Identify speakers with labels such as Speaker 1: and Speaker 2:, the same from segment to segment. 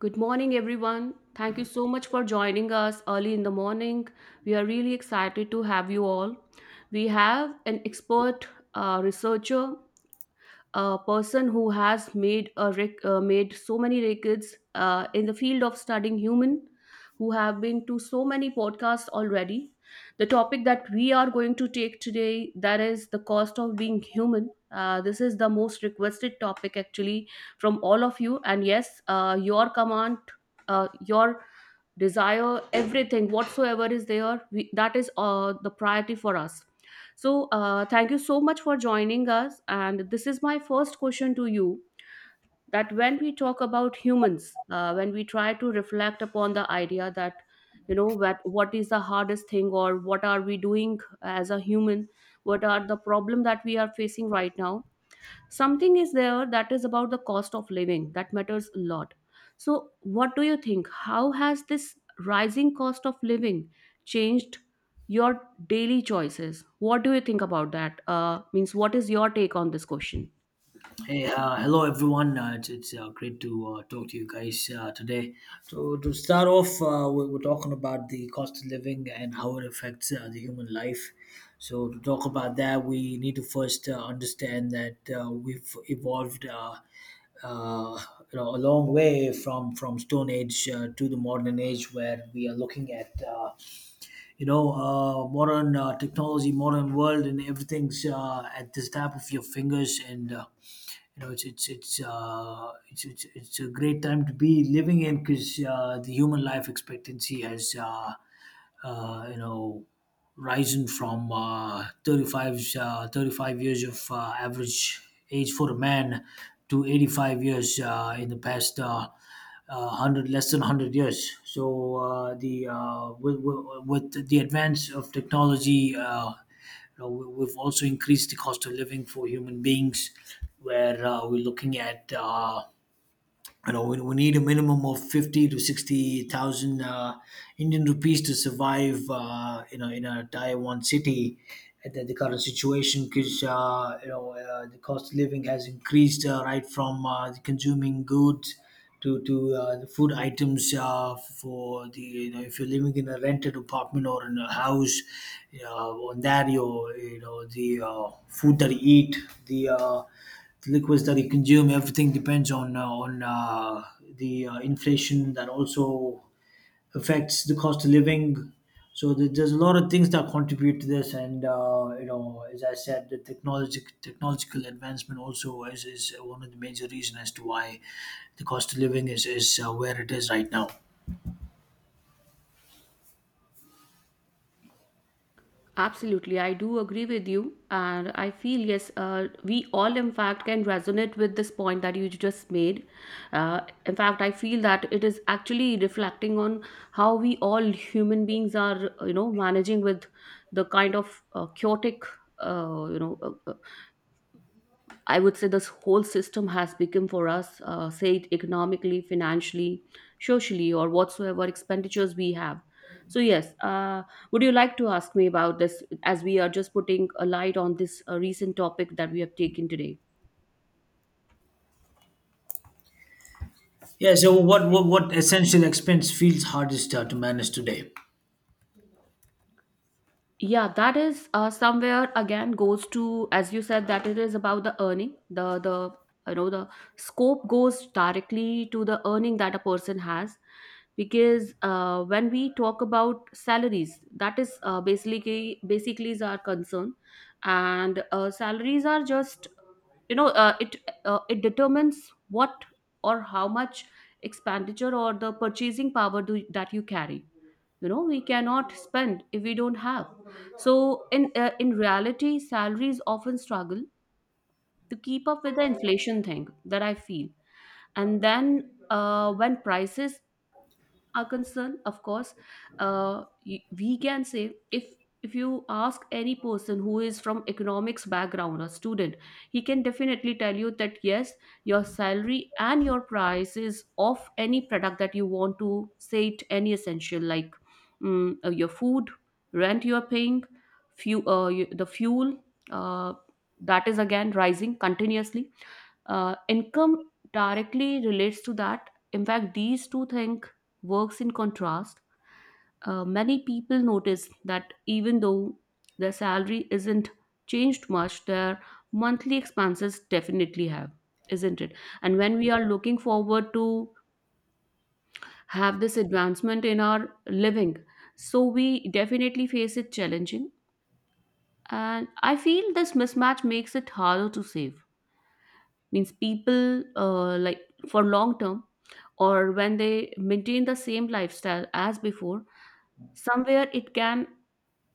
Speaker 1: Good morning, everyone. Thank you so much for joining us early in the morning. We are really excited to have you all. We have an expert researcher, a person who has made made so many records in the field of studying human, who have been to so many podcasts already. The topic that we are going to take today, that is the cost of being human. This is the most requested topic actually from all of you, and yes, your command, your desire, everything whatsoever is there, that is the priority for us. So thank you so much for joining us, and this is my first question to you, that when we talk about humans, when we try to reflect upon the idea that, you know, what is the hardest thing, or what are we doing as a human? What are the problem that we are facing right now? Something is there that is about the cost of living that matters a lot. So what do you think, how has this rising cost of living changed your daily choices? What do you think about that? Means what is your take on this question?
Speaker 2: Hey, hello everyone. It's great to talk to you guys today. So to start off, we're talking about the cost of living and how it affects the human life. So to talk about that, we need to first understand that we've evolved. Uh, a long way from Stone Age to the modern age, where we are looking at. Modern technology, modern world, and everything's at the tap of your fingers. And it's a great time to be living in, because the human life expectancy has uh, you know rising from 35 years of average age for a man to 85 years in the past uh, uh, 100 less than 100 years. So the with the advance of technology, we've also increased the cost of living for human beings, where we're looking at, we need a minimum of fifty to sixty thousand Indian rupees to survive, in a Taiwan city at the current situation, because the cost of living has increased right from the consuming goods to the food items, for the you know if you're living in a rented apartment or in a house, on that the food that you eat, the the liquids that you consume. Everything depends on the inflation, that also affects the cost of living. So there's a lot of things that contribute to this, and as I said, the technology technological advancement also is one of the major reasons as to why the cost of living is where it is right now.
Speaker 1: Absolutely, I do agree with you, and I feel yes, we all in fact can resonate with this point that you just made. Uh, in fact, I feel that it is actually reflecting on how we all human beings are, you know, managing with the kind of chaotic, uh, you know, uh, uh, I would say this whole system has become for us, say it economically, financially, socially, or whatsoever expenditures we have. So, yes, would you like to ask me about this as we are just putting a light on this recent topic that we have taken today?
Speaker 2: Yeah, so what essential expense feels hardest to manage today?
Speaker 1: Yeah, that is somewhere again goes to, as you said, that it is about the earning. You know, the scope goes directly to the earning that a person has, because when we talk about salaries, that is basically is our concern. And salaries are just, you know, it determines what, or how much expenditure or the purchasing power that you carry. You know, we cannot spend if we don't have. So in reality, salaries often struggle to keep up with the inflation thing, that I feel. And then, when prices are concerned, of course, we can say, if you ask any person who is from economics background or student, he can definitely tell you that yes, your salary and your prices of any product that you want to say it, any essential like your food, rent you are paying, the fuel, uh, that is again rising continuously. Income directly relates to that. In fact, these two things works in contrast. Many people notice that even though their salary isn't changed much, their monthly expenses definitely have, isn't it? And when we are looking forward to have this advancement in our living, so we definitely face it challenging. And I feel this mismatch makes it harder to save. Means people like for long term, or when they maintain the same lifestyle as before, somewhere it can,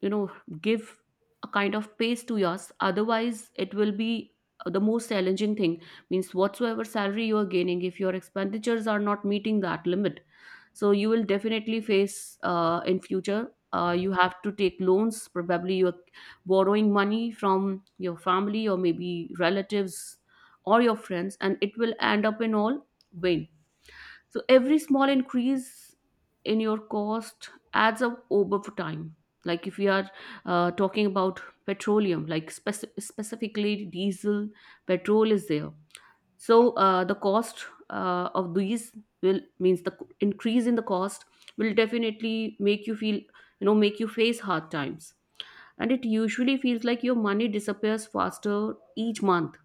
Speaker 1: you know, give a kind of pace to yours, otherwise it will be the most challenging thing. Means whatsoever salary you are gaining, if your expenditures are not meeting that limit, so you will definitely face in future, you have to take loans, probably you're borrowing money from your family, or maybe relatives or your friends, and it will end up in all vain. So every small increase in your cost adds up over time. Like if we are talking about petroleum, specifically diesel, petrol is there. So the cost of these will, increase in the cost will definitely make you feel, you know, make you face hard times, and it usually feels like your money disappears faster each month.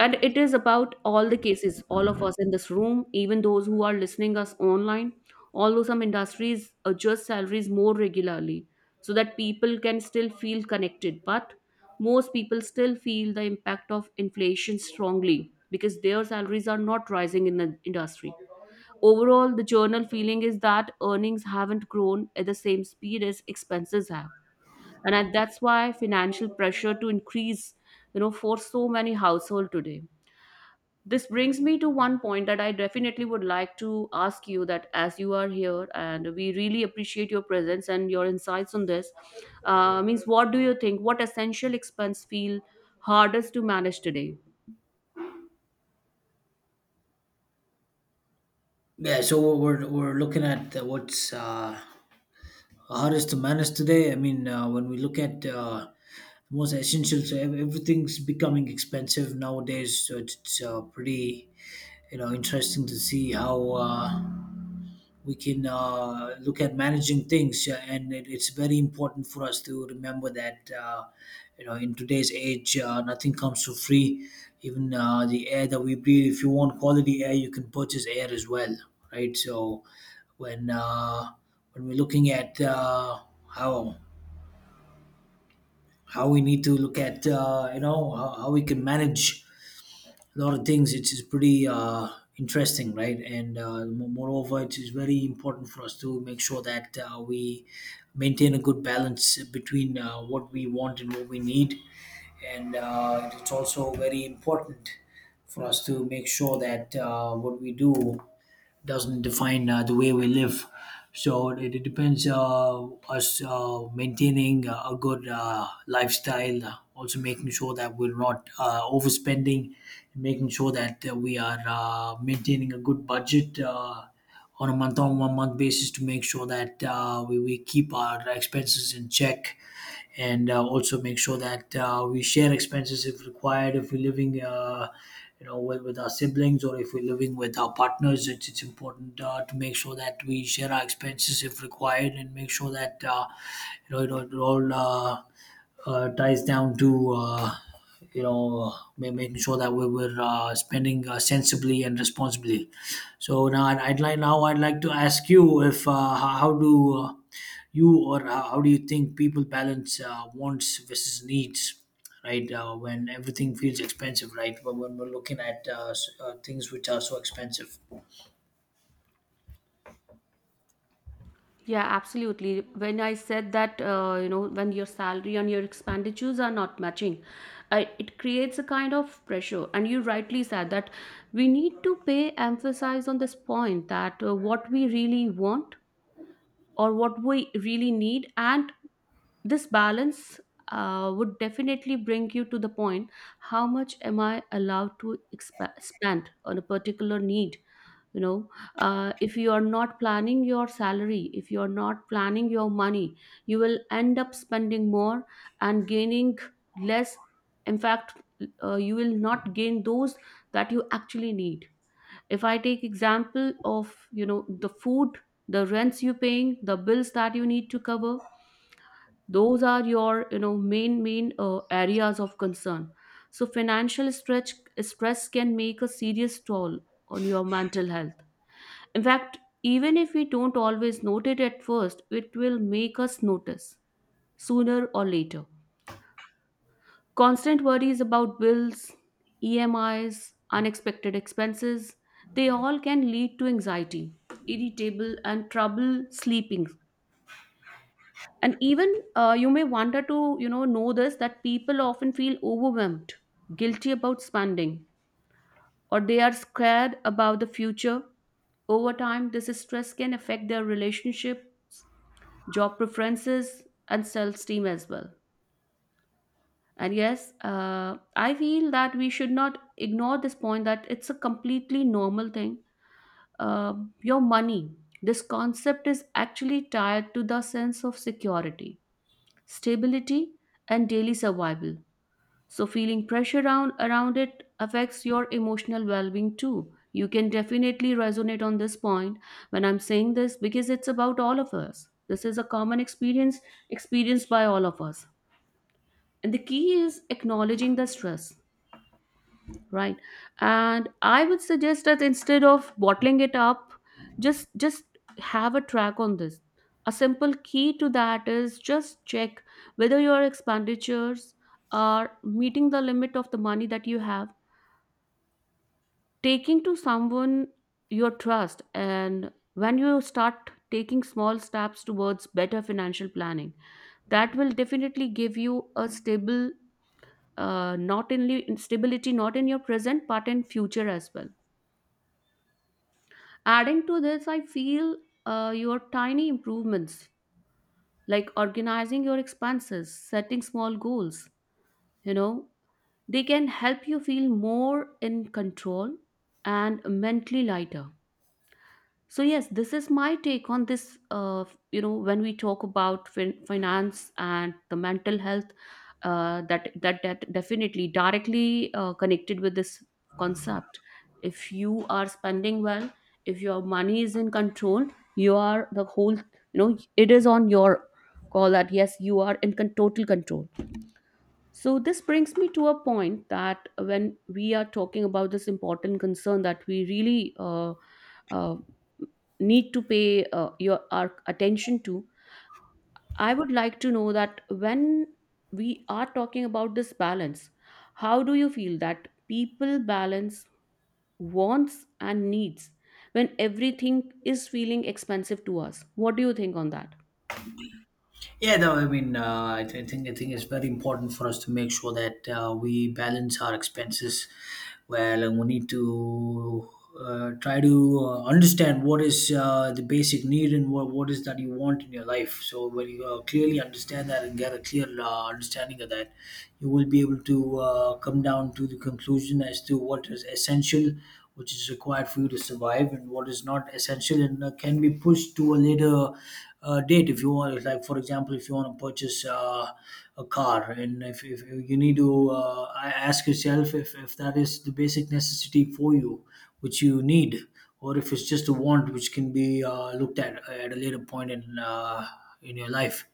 Speaker 1: And it is about all the cases, all of us in this room, even those who are listening us online. Although some industries adjust salaries more regularly so that people can still feel connected, but most people still feel the impact of inflation strongly, because their salaries are not rising in the industry. Overall, the journal feeling is that earnings haven't grown at the same speed as expenses have, and that's why financial pressure to increase, you know, for so many households today. This brings me to one point that I definitely would like to ask you, that as you are here and we really appreciate your presence and your insights on this. Means what do you think, what essential expense feel hardest to manage today?
Speaker 2: Yeah, so we're looking at what's hardest to manage today. I mean, when we look at most essential, so everything's becoming expensive nowadays. So it's pretty, interesting to see how. We can look at managing things, and it's very important for us to remember that, in today's age, nothing comes for free. Even the air that we breathe, if you want quality air, you can purchase air as well, right? So when uh, when we're looking at how how we need to look at, how we can manage a lot of things. It's pretty interesting, right? And moreover, it is very important for us to make sure that we maintain a good balance between what we want and what we need. And it's also very important for us to make sure that what we do doesn't define the way we live. So it depends us maintaining a good lifestyle, also making sure that we're not overspending, making sure that we are maintaining a good budget on a month on one month basis, to make sure that we keep our expenses in check, and also make sure that we share expenses if required. If we're living, with our siblings, or if we're living with our partners, it's important to make sure that we share our expenses if required, and make sure that, it all ties down to, you know, making sure that we're spending sensibly and responsibly. So now I'd like to ask you, if how do you or how do you think people balance wants versus needs, right? When everything feels expensive, right? But when we're looking at things which are so expensive.
Speaker 1: Yeah, absolutely, when I said that, you know, when your salary and your expenditures are not matching, I, it creates a kind of pressure, and you rightly said that we need to pay emphasis on this point, that what we really want or what we really need, and this balance would definitely bring you to the point, how much am I allowed to spend on a particular need? You know, if you are not planning your salary, if you are not planning your money, you will end up spending more and gaining less. In fact, you will not gain those that you actually need. If I take example of, you know, the food, the rents you paying, the bills that you need to cover, those are your, you know, main main areas of concern. So financial stretch stress can make a serious toll on your mental health. In fact, even if we don't always note it at first, it will make us notice sooner or later. Constant worries about bills, EMIs, unexpected expenses, they all can lead to anxiety, irritable and trouble sleeping. And even, you may wonder to, you know this, that people often feel overwhelmed, guilty about spending, or they are scared about the future. Over time, this stress can affect their relationships, job preferences, and self-esteem as well. And yes, I feel that we should not ignore this point, that it's a completely normal thing. Uh, your money, this concept is actually tied to the sense of security, stability, and daily survival. So, feeling pressure around, around it affects your emotional well being too. You can definitely resonate on this point when I'm saying this, because it's about all of us. This is a common experience experienced by all of us. And the key is acknowledging the stress, right? And I would suggest that instead of bottling it up, just have a track on this. A simple key to that is just check whether your expenditures are meeting the limit of the money that you have, taking to someone your trust. And when you start taking small steps towards better financial planning, that will definitely give you a stable, not only in stability, not in your present, but in future as well. Adding to this, I feel your tiny improvements, like organizing your expenses, setting small goals, you know, they can help you feel more in control and mentally lighter. So yes, this is my take on this. You know, when we talk about finance and the mental health, that definitely directly connected with this concept. If you are spending well, if your money is in control, you are the whole. You know, it is on your call, that yes, you are in total control. So this brings me to a point, that when we are talking about this important concern that we really, uh, need to pay your our attention to. I would like to know that when we are talking about this balance, how do you feel that people balance wants and needs when everything is feeling expensive to us? What do you think on that?
Speaker 2: Yeah, no, I mean, I think it's very important for us to make sure that we balance our expenses well, and we need to try to understand what is the basic need and what is that you want in your life. So when you clearly understand that and get a clear understanding of that, you will be able to come down to the conclusion as to what is essential, which is required for you to survive, and what is not essential and can be pushed to a later date if you want. Like, for example, if you want to purchase a car, and if you need to ask yourself if that is the basic necessity for you which you need, or if it's just a want which can be looked at a later point in your life.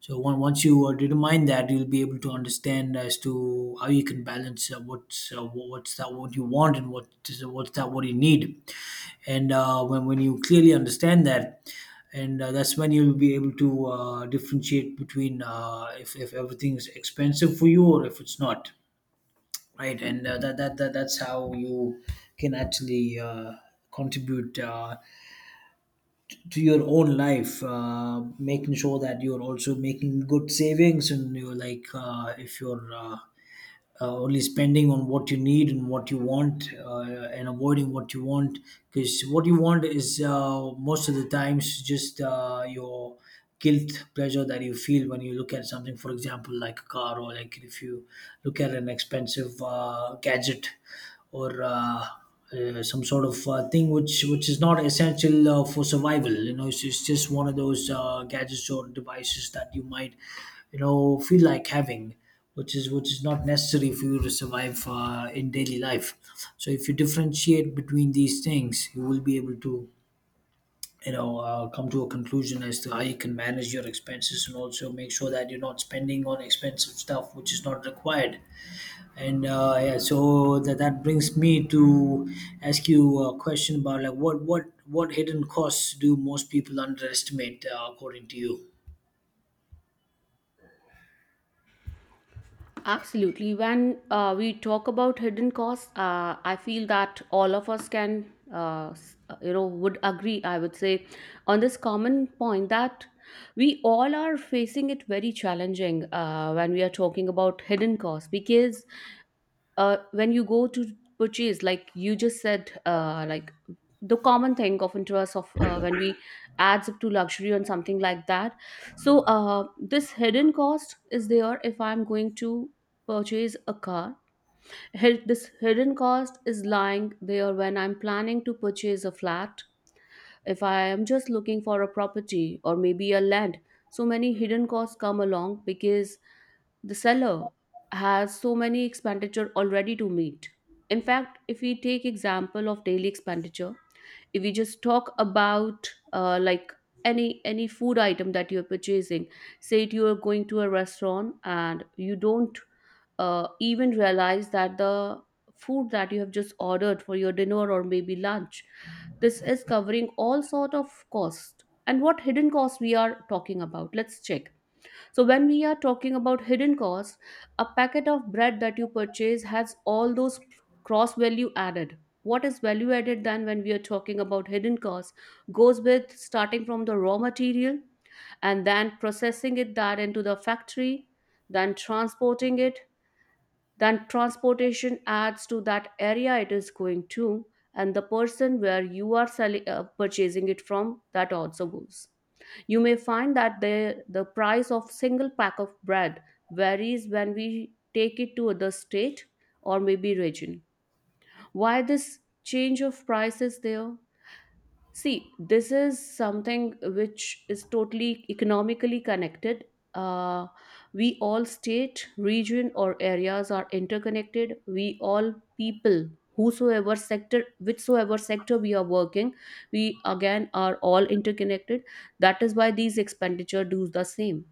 Speaker 2: So once you determine that, you'll be able to understand as to how you can balance what's that what you want and what's that what you need. And when you clearly understand that, and that's when you'll be able to differentiate between if everything is expensive for you or if it's not, right? And that's how you can actually contribute to your own life, making sure that you're also making good savings, and you're like, if you're only spending on what you need and what you want, and avoiding what you want, because what you want is, most of the times, just your guilt pleasure that you feel when you look at something, for example like a car, or like if you look at an expensive gadget, or some sort of thing which is not essential for survival. It's just one of those gadgets or devices that you might, feel like having, which is not necessary for you to survive in daily life. So if you differentiate between these things, you will be able to, come to a conclusion as to how you can manage your expenses, and also make sure that you're not spending on expensive stuff which is not required. And yeah, so that brings me to ask you a question about, like, what hidden costs do most people underestimate, according to you?
Speaker 1: Absolutely. When we talk about hidden costs, I feel that all of us can, you know, would agree, I would say, on this common point, that we all are facing it very challenging when we are talking about hidden costs. Because when you go to purchase, like you just said, like the common thing often to us of when we adds up to luxury and something like that. So this hidden cost is there if I'm going to purchase a car. This hidden cost is lying there when I'm planning to purchase a flat, if I am just looking for a property or maybe a land. So many hidden costs come along, because the seller has so many expenditure already to meet. In fact, if we take example of daily expenditure, if we just talk about like any food item that you're purchasing, say it you are going to a restaurant and you don't even realize that the food that you have just ordered for your dinner or maybe lunch, this is covering all sort of cost, and what hidden cost we are talking about, let's check. So, when we are talking about hidden costs, a packet of bread that you purchase has all those cross value added. What is value added then when we are talking about hidden costs? Goes with starting from the raw material and then processing it that into the factory, then transporting it, then transportation adds to that area it is going to, and the person where you are selling, purchasing it from, that also goes. You may find that the price of single pack of bread varies when we take it to other state or maybe region. Why this change of price is there? See, this is something which is totally economically connected. Uh, we all state, region, or areas are interconnected. We all people, whosoever sector, whichsoever sector we are working, we again are all interconnected. That is why these expenditure do the same.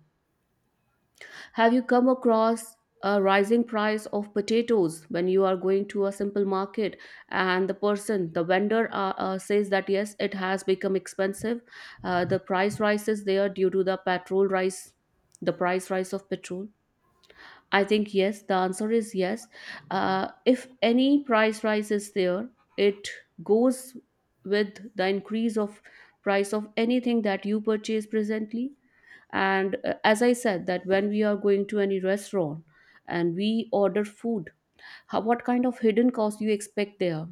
Speaker 1: Have you come across a rising price of potatoes when you are going to a simple market and the person, the vendor, says that yes, it has become expensive? The price rises there due to the petrol rise, the price rise of petrol. I think yes, the answer is yes. If any price rise is there, it goes with the increase of price of anything that you purchase presently, and as I said that when we are going to any restaurant and we order food, how, what kind of hidden cost you expect there?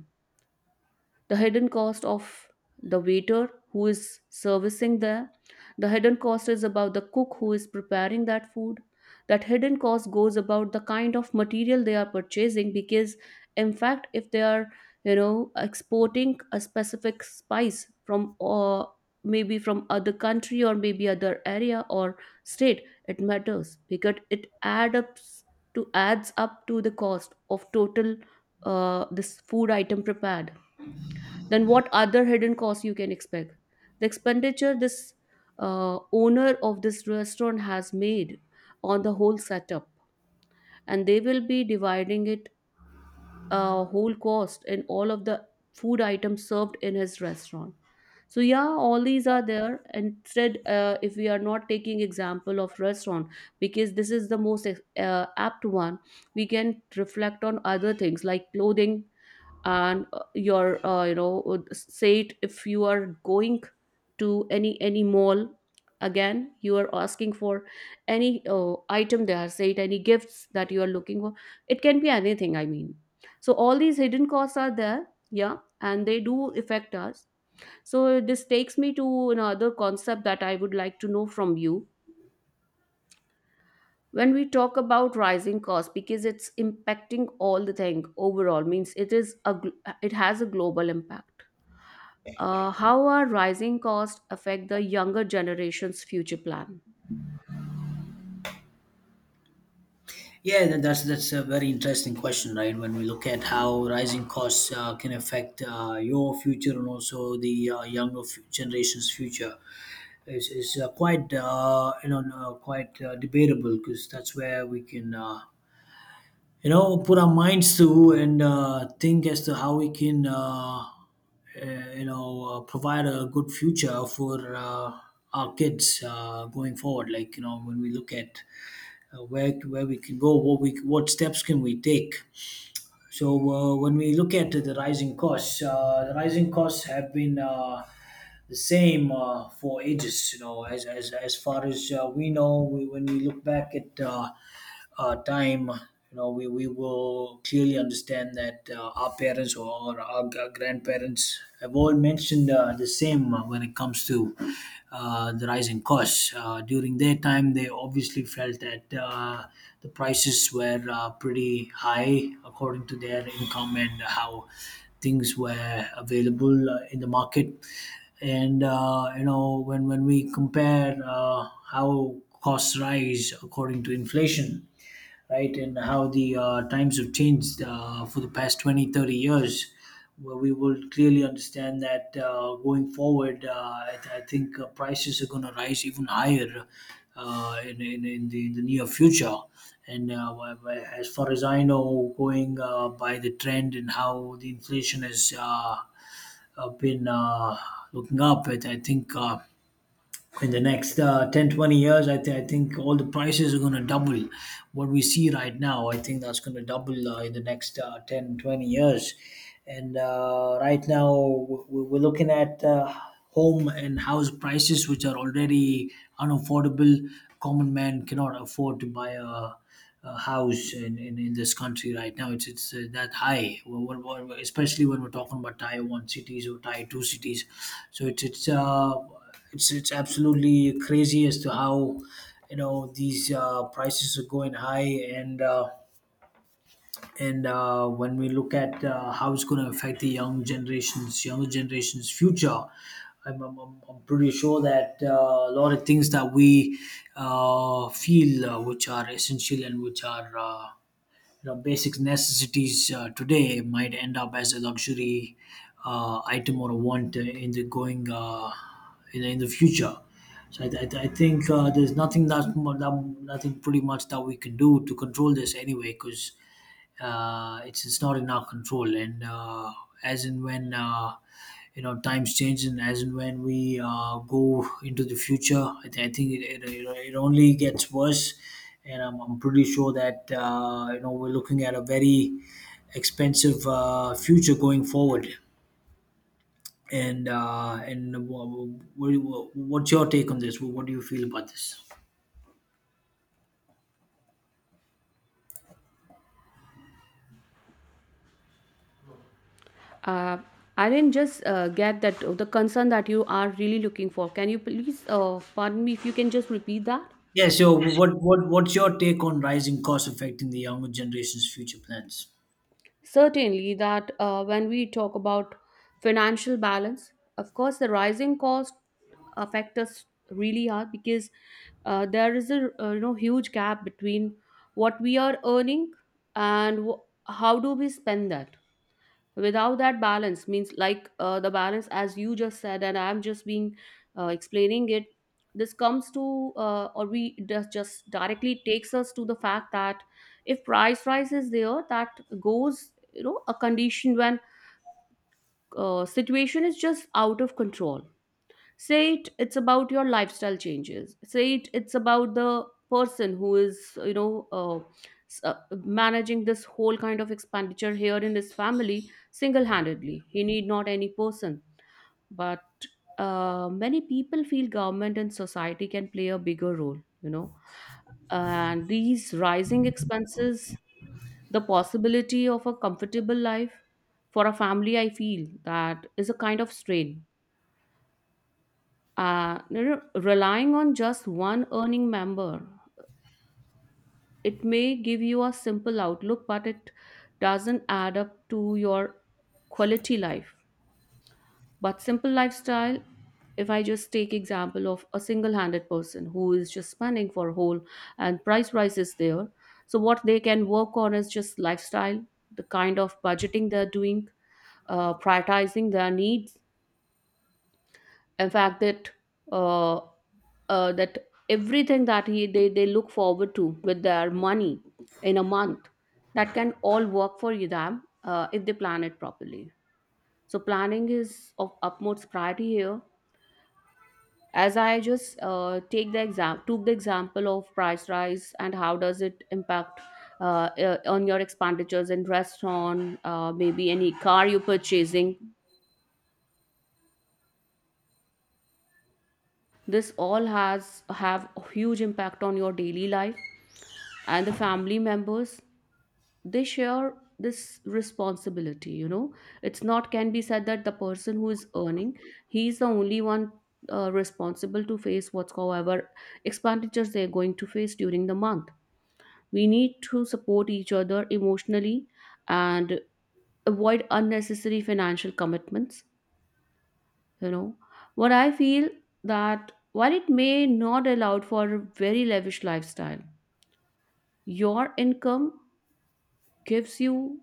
Speaker 1: The hidden cost of the waiter who is servicing there, the hidden cost is about the cook who is preparing that food, that hidden cost goes about the kind of material they are purchasing, because in fact if they are, you know, exporting a specific spice from, or maybe from other country or maybe other area or state, it matters because it adds up to, adds up to the cost of total, this food item prepared. Then what other hidden costs you can expect? The expenditure this owner of this restaurant has made on the whole setup, and they will be dividing it, whole cost, in all of the food items served in his restaurant. So yeah, all these are there, and if we are not taking example of restaurant because this is the most apt one, we can reflect on other things like clothing and your you know, would say it, if you are going to any mall, again you are asking for any item there, say it, any gifts that you are looking for, it can be anything, I mean. So all these hidden costs are there, yeah, and they do affect us. So this takes me to another concept that I would like to know from you. When we talk about rising costs, because it's impacting all the thing overall, means it is a it has a global impact. How are rising costs affect the younger generation's future plan?
Speaker 2: Yeah, that's a very interesting question, right? When we look at how rising costs can affect your future, and also the younger generation's future, is quite quite debatable, because that's where we can put our minds to and think as to how we can provide a good future for our kids going forward. Like, when we look at where we can go, what steps can we take. So when we look at the rising costs have been the same for ages. You know, as far as we know, when we look back at time, we will clearly understand that our parents or our grandparents have all mentioned the same when it comes to the rising costs. During their time, they obviously felt that the prices were pretty high according to their income and how things were available in the market, and when we compare how costs rise according to inflation, right? And how the times have changed for the past 20-30 years, where we will clearly understand that going forward, I think prices are going to rise even higher in the near future. And as far as I know, going by the trend and how the inflation is been looking up. I think in the next 10, 20 years I think all the prices are going to double. What we see right now, I think that's going to double in the next 10, 20 years. And right now we're looking at home and house prices which are already unaffordable. Common man cannot afford to buy a house in this country right now. It's that high. Especially when we're talking about tier one cities or tier two cities. so it's it's uh, it's absolutely crazy as to how, you know, these prices are going high. and uh, and when we look at how it's going to affect the young generations, younger generations' future. I'm pretty sure that a lot of things that we feel, which are essential and which are, you know, basic necessities today, might end up as a luxury item or a want in the going, in the future. So I think there's nothing that, mu- that nothing pretty much that we can do to control this anyway, because it's not in our control. And as and when, you know, times change, and as and when we go into the future, I think it only gets worse. And I'm pretty sure that, you know, we're looking at a very expensive future going forward. and uh, and wh- what's your take on this? What do you feel about this?
Speaker 1: Uh, I didn't just get that, the concern that you are really looking for. Can you please pardon me if you can just repeat that?
Speaker 2: Yeah, so what's your take on rising costs affecting the younger generation's future plans?
Speaker 1: Certainly, that when we talk about financial balance, of course, the rising cost affect us really hard because there is a you know, huge gap between what we are earning and how do we spend that without that balance, means like the balance, as you just said, and I'm just being explaining it, this comes to or we does just directly takes us to the fact that if price rise is there, that goes, you know, a condition when situation is just out of control. Say it, it's about your lifestyle changes, say it, it's about the person who is, you know, s- uh, managing this whole kind of expenditure here in his family single-handedly, he need not any person. But many people feel government and society can play a bigger role, you know, and these rising expenses, the possibility of a comfortable life for a family, I feel that is a kind of strain. You know, relying on just one earning member, it may give you a simple outlook, but it doesn't add up to your quality life. But simple lifestyle, if I just take example of a single-handed person who is just spending for whole and price rise is there. So what they can work on is just lifestyle, the kind of budgeting they're doing, prioritizing their needs, in fact that uh, that everything that they look forward to with their money in a month, that can all work for them if they plan it properly. So planning is of utmost priority here. As I just take the exam took the example of price rise and how does it impact, on your expenditures in restaurant, maybe any car you're purchasing, this all has have a huge impact on your daily life, and the family members, they share this responsibility, you know. It's not can be said that the person who is earning, he's the only one responsible to face whatsoever expenditures they're going to face during the month. We need to support each other emotionally and avoid unnecessary financial commitments. You know what I feel, that while it may not allow for a very lavish lifestyle, your income gives you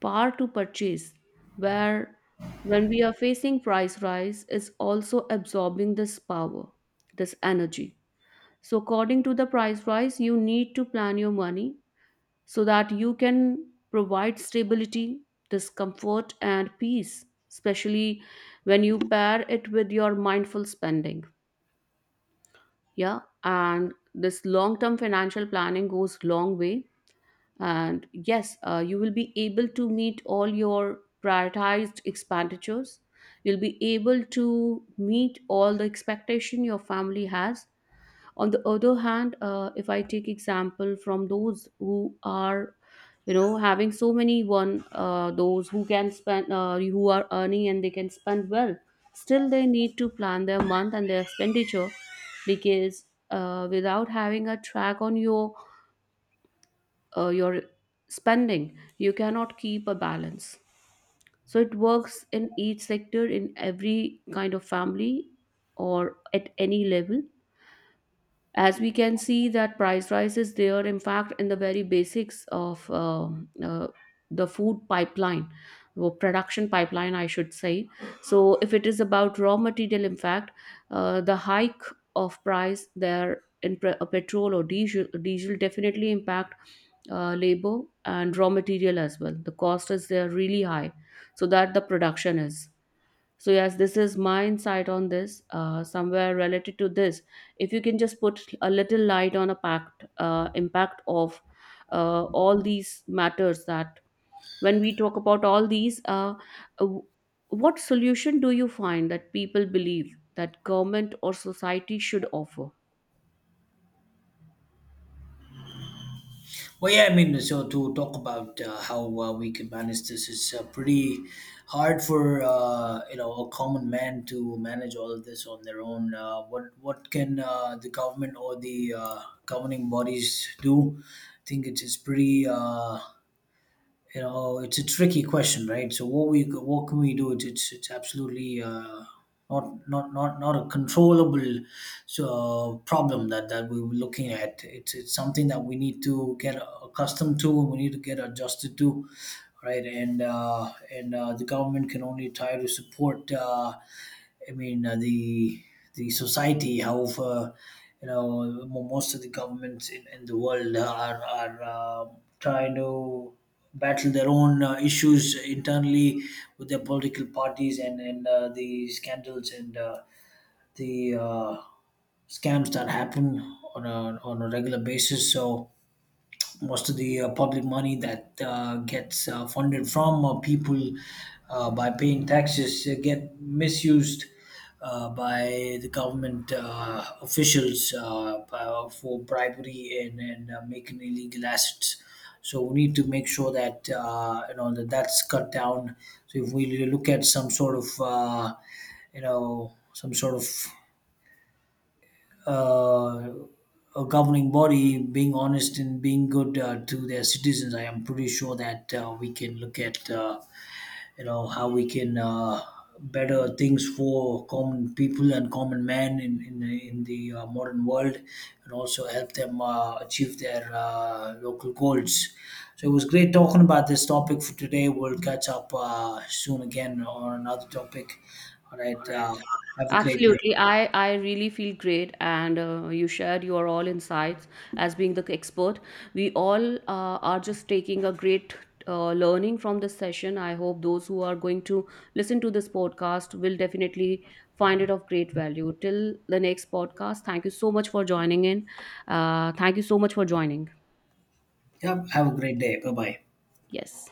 Speaker 1: power to purchase, where when we are facing price rise, is also absorbing this power, this energy. So, according to the price rise, you need to plan your money so that you can provide stability, discomfort, and peace, especially when you pair it with your mindful spending. Yeah, and this long term financial planning goes long way, and yes, you will be able to meet all your prioritized expenditures. You'll be able to meet all the expectation your family has. On the other hand, if I take example from those who are, you know, having so many one, those who can spend, who are earning and they can spend well, still they need to plan their month and their expenditure, because without having a track on your your spending you cannot keep a balance. So it works in each sector, in every kind of family, or at any level, as we can see that price rise is there, in fact in the very basics of the food pipeline, or production pipeline I should say. So if it is about raw material, in fact the hike of price there in petrol or diesel definitely impact labor and raw material as well, the cost is there really high, so that the production is. So yes, this is my insight on this, somewhere related to this, if you can just put a little light on a pact impact of all these matters, that when we talk about all these, uh, what solution do you find that people believe that government or society should offer?
Speaker 2: Well, yeah, I mean, so to talk about how we can manage this is pretty hard for, you know, a common man to manage all of this on their own. What can the government or the governing bodies do? I think it's pretty. You know, it's a tricky question, right? So what can we do? It's absolutely not a controllable, problem that we were looking at. It's something that we need to get accustomed to. We need to get adjusted to, right? And the government can only try to support. I mean, the society. However, you know, most of the governments in the world are, trying to battle their own issues internally with their political parties and the scandals and, the scams that happen on a regular basis. So most of the public money that gets funded from people by paying taxes get misused by the government officials, for bribery and making illegal assets. So we need to make sure that, you know, that that's cut down. So if we look at some sort of, you know, some sort of uh, a governing body being honest and being good to their citizens, I am pretty sure that we can look at, you know, how we can, better things for common people and common men in the modern world, and also help them achieve their local goals. So it was great talking about this topic for today. We'll catch up soon again on another topic. All right. Have a great day.
Speaker 1: Absolutely. I really feel great, and you shared your all insights as being the expert. We all are just taking a great learning from this session. I hope those who are going to listen to this podcast will definitely find it of great value. Till the next podcast, thank you so much for joining in. Thank you so much for joining.
Speaker 2: Yep. Have a great day. Bye bye.
Speaker 1: Yes.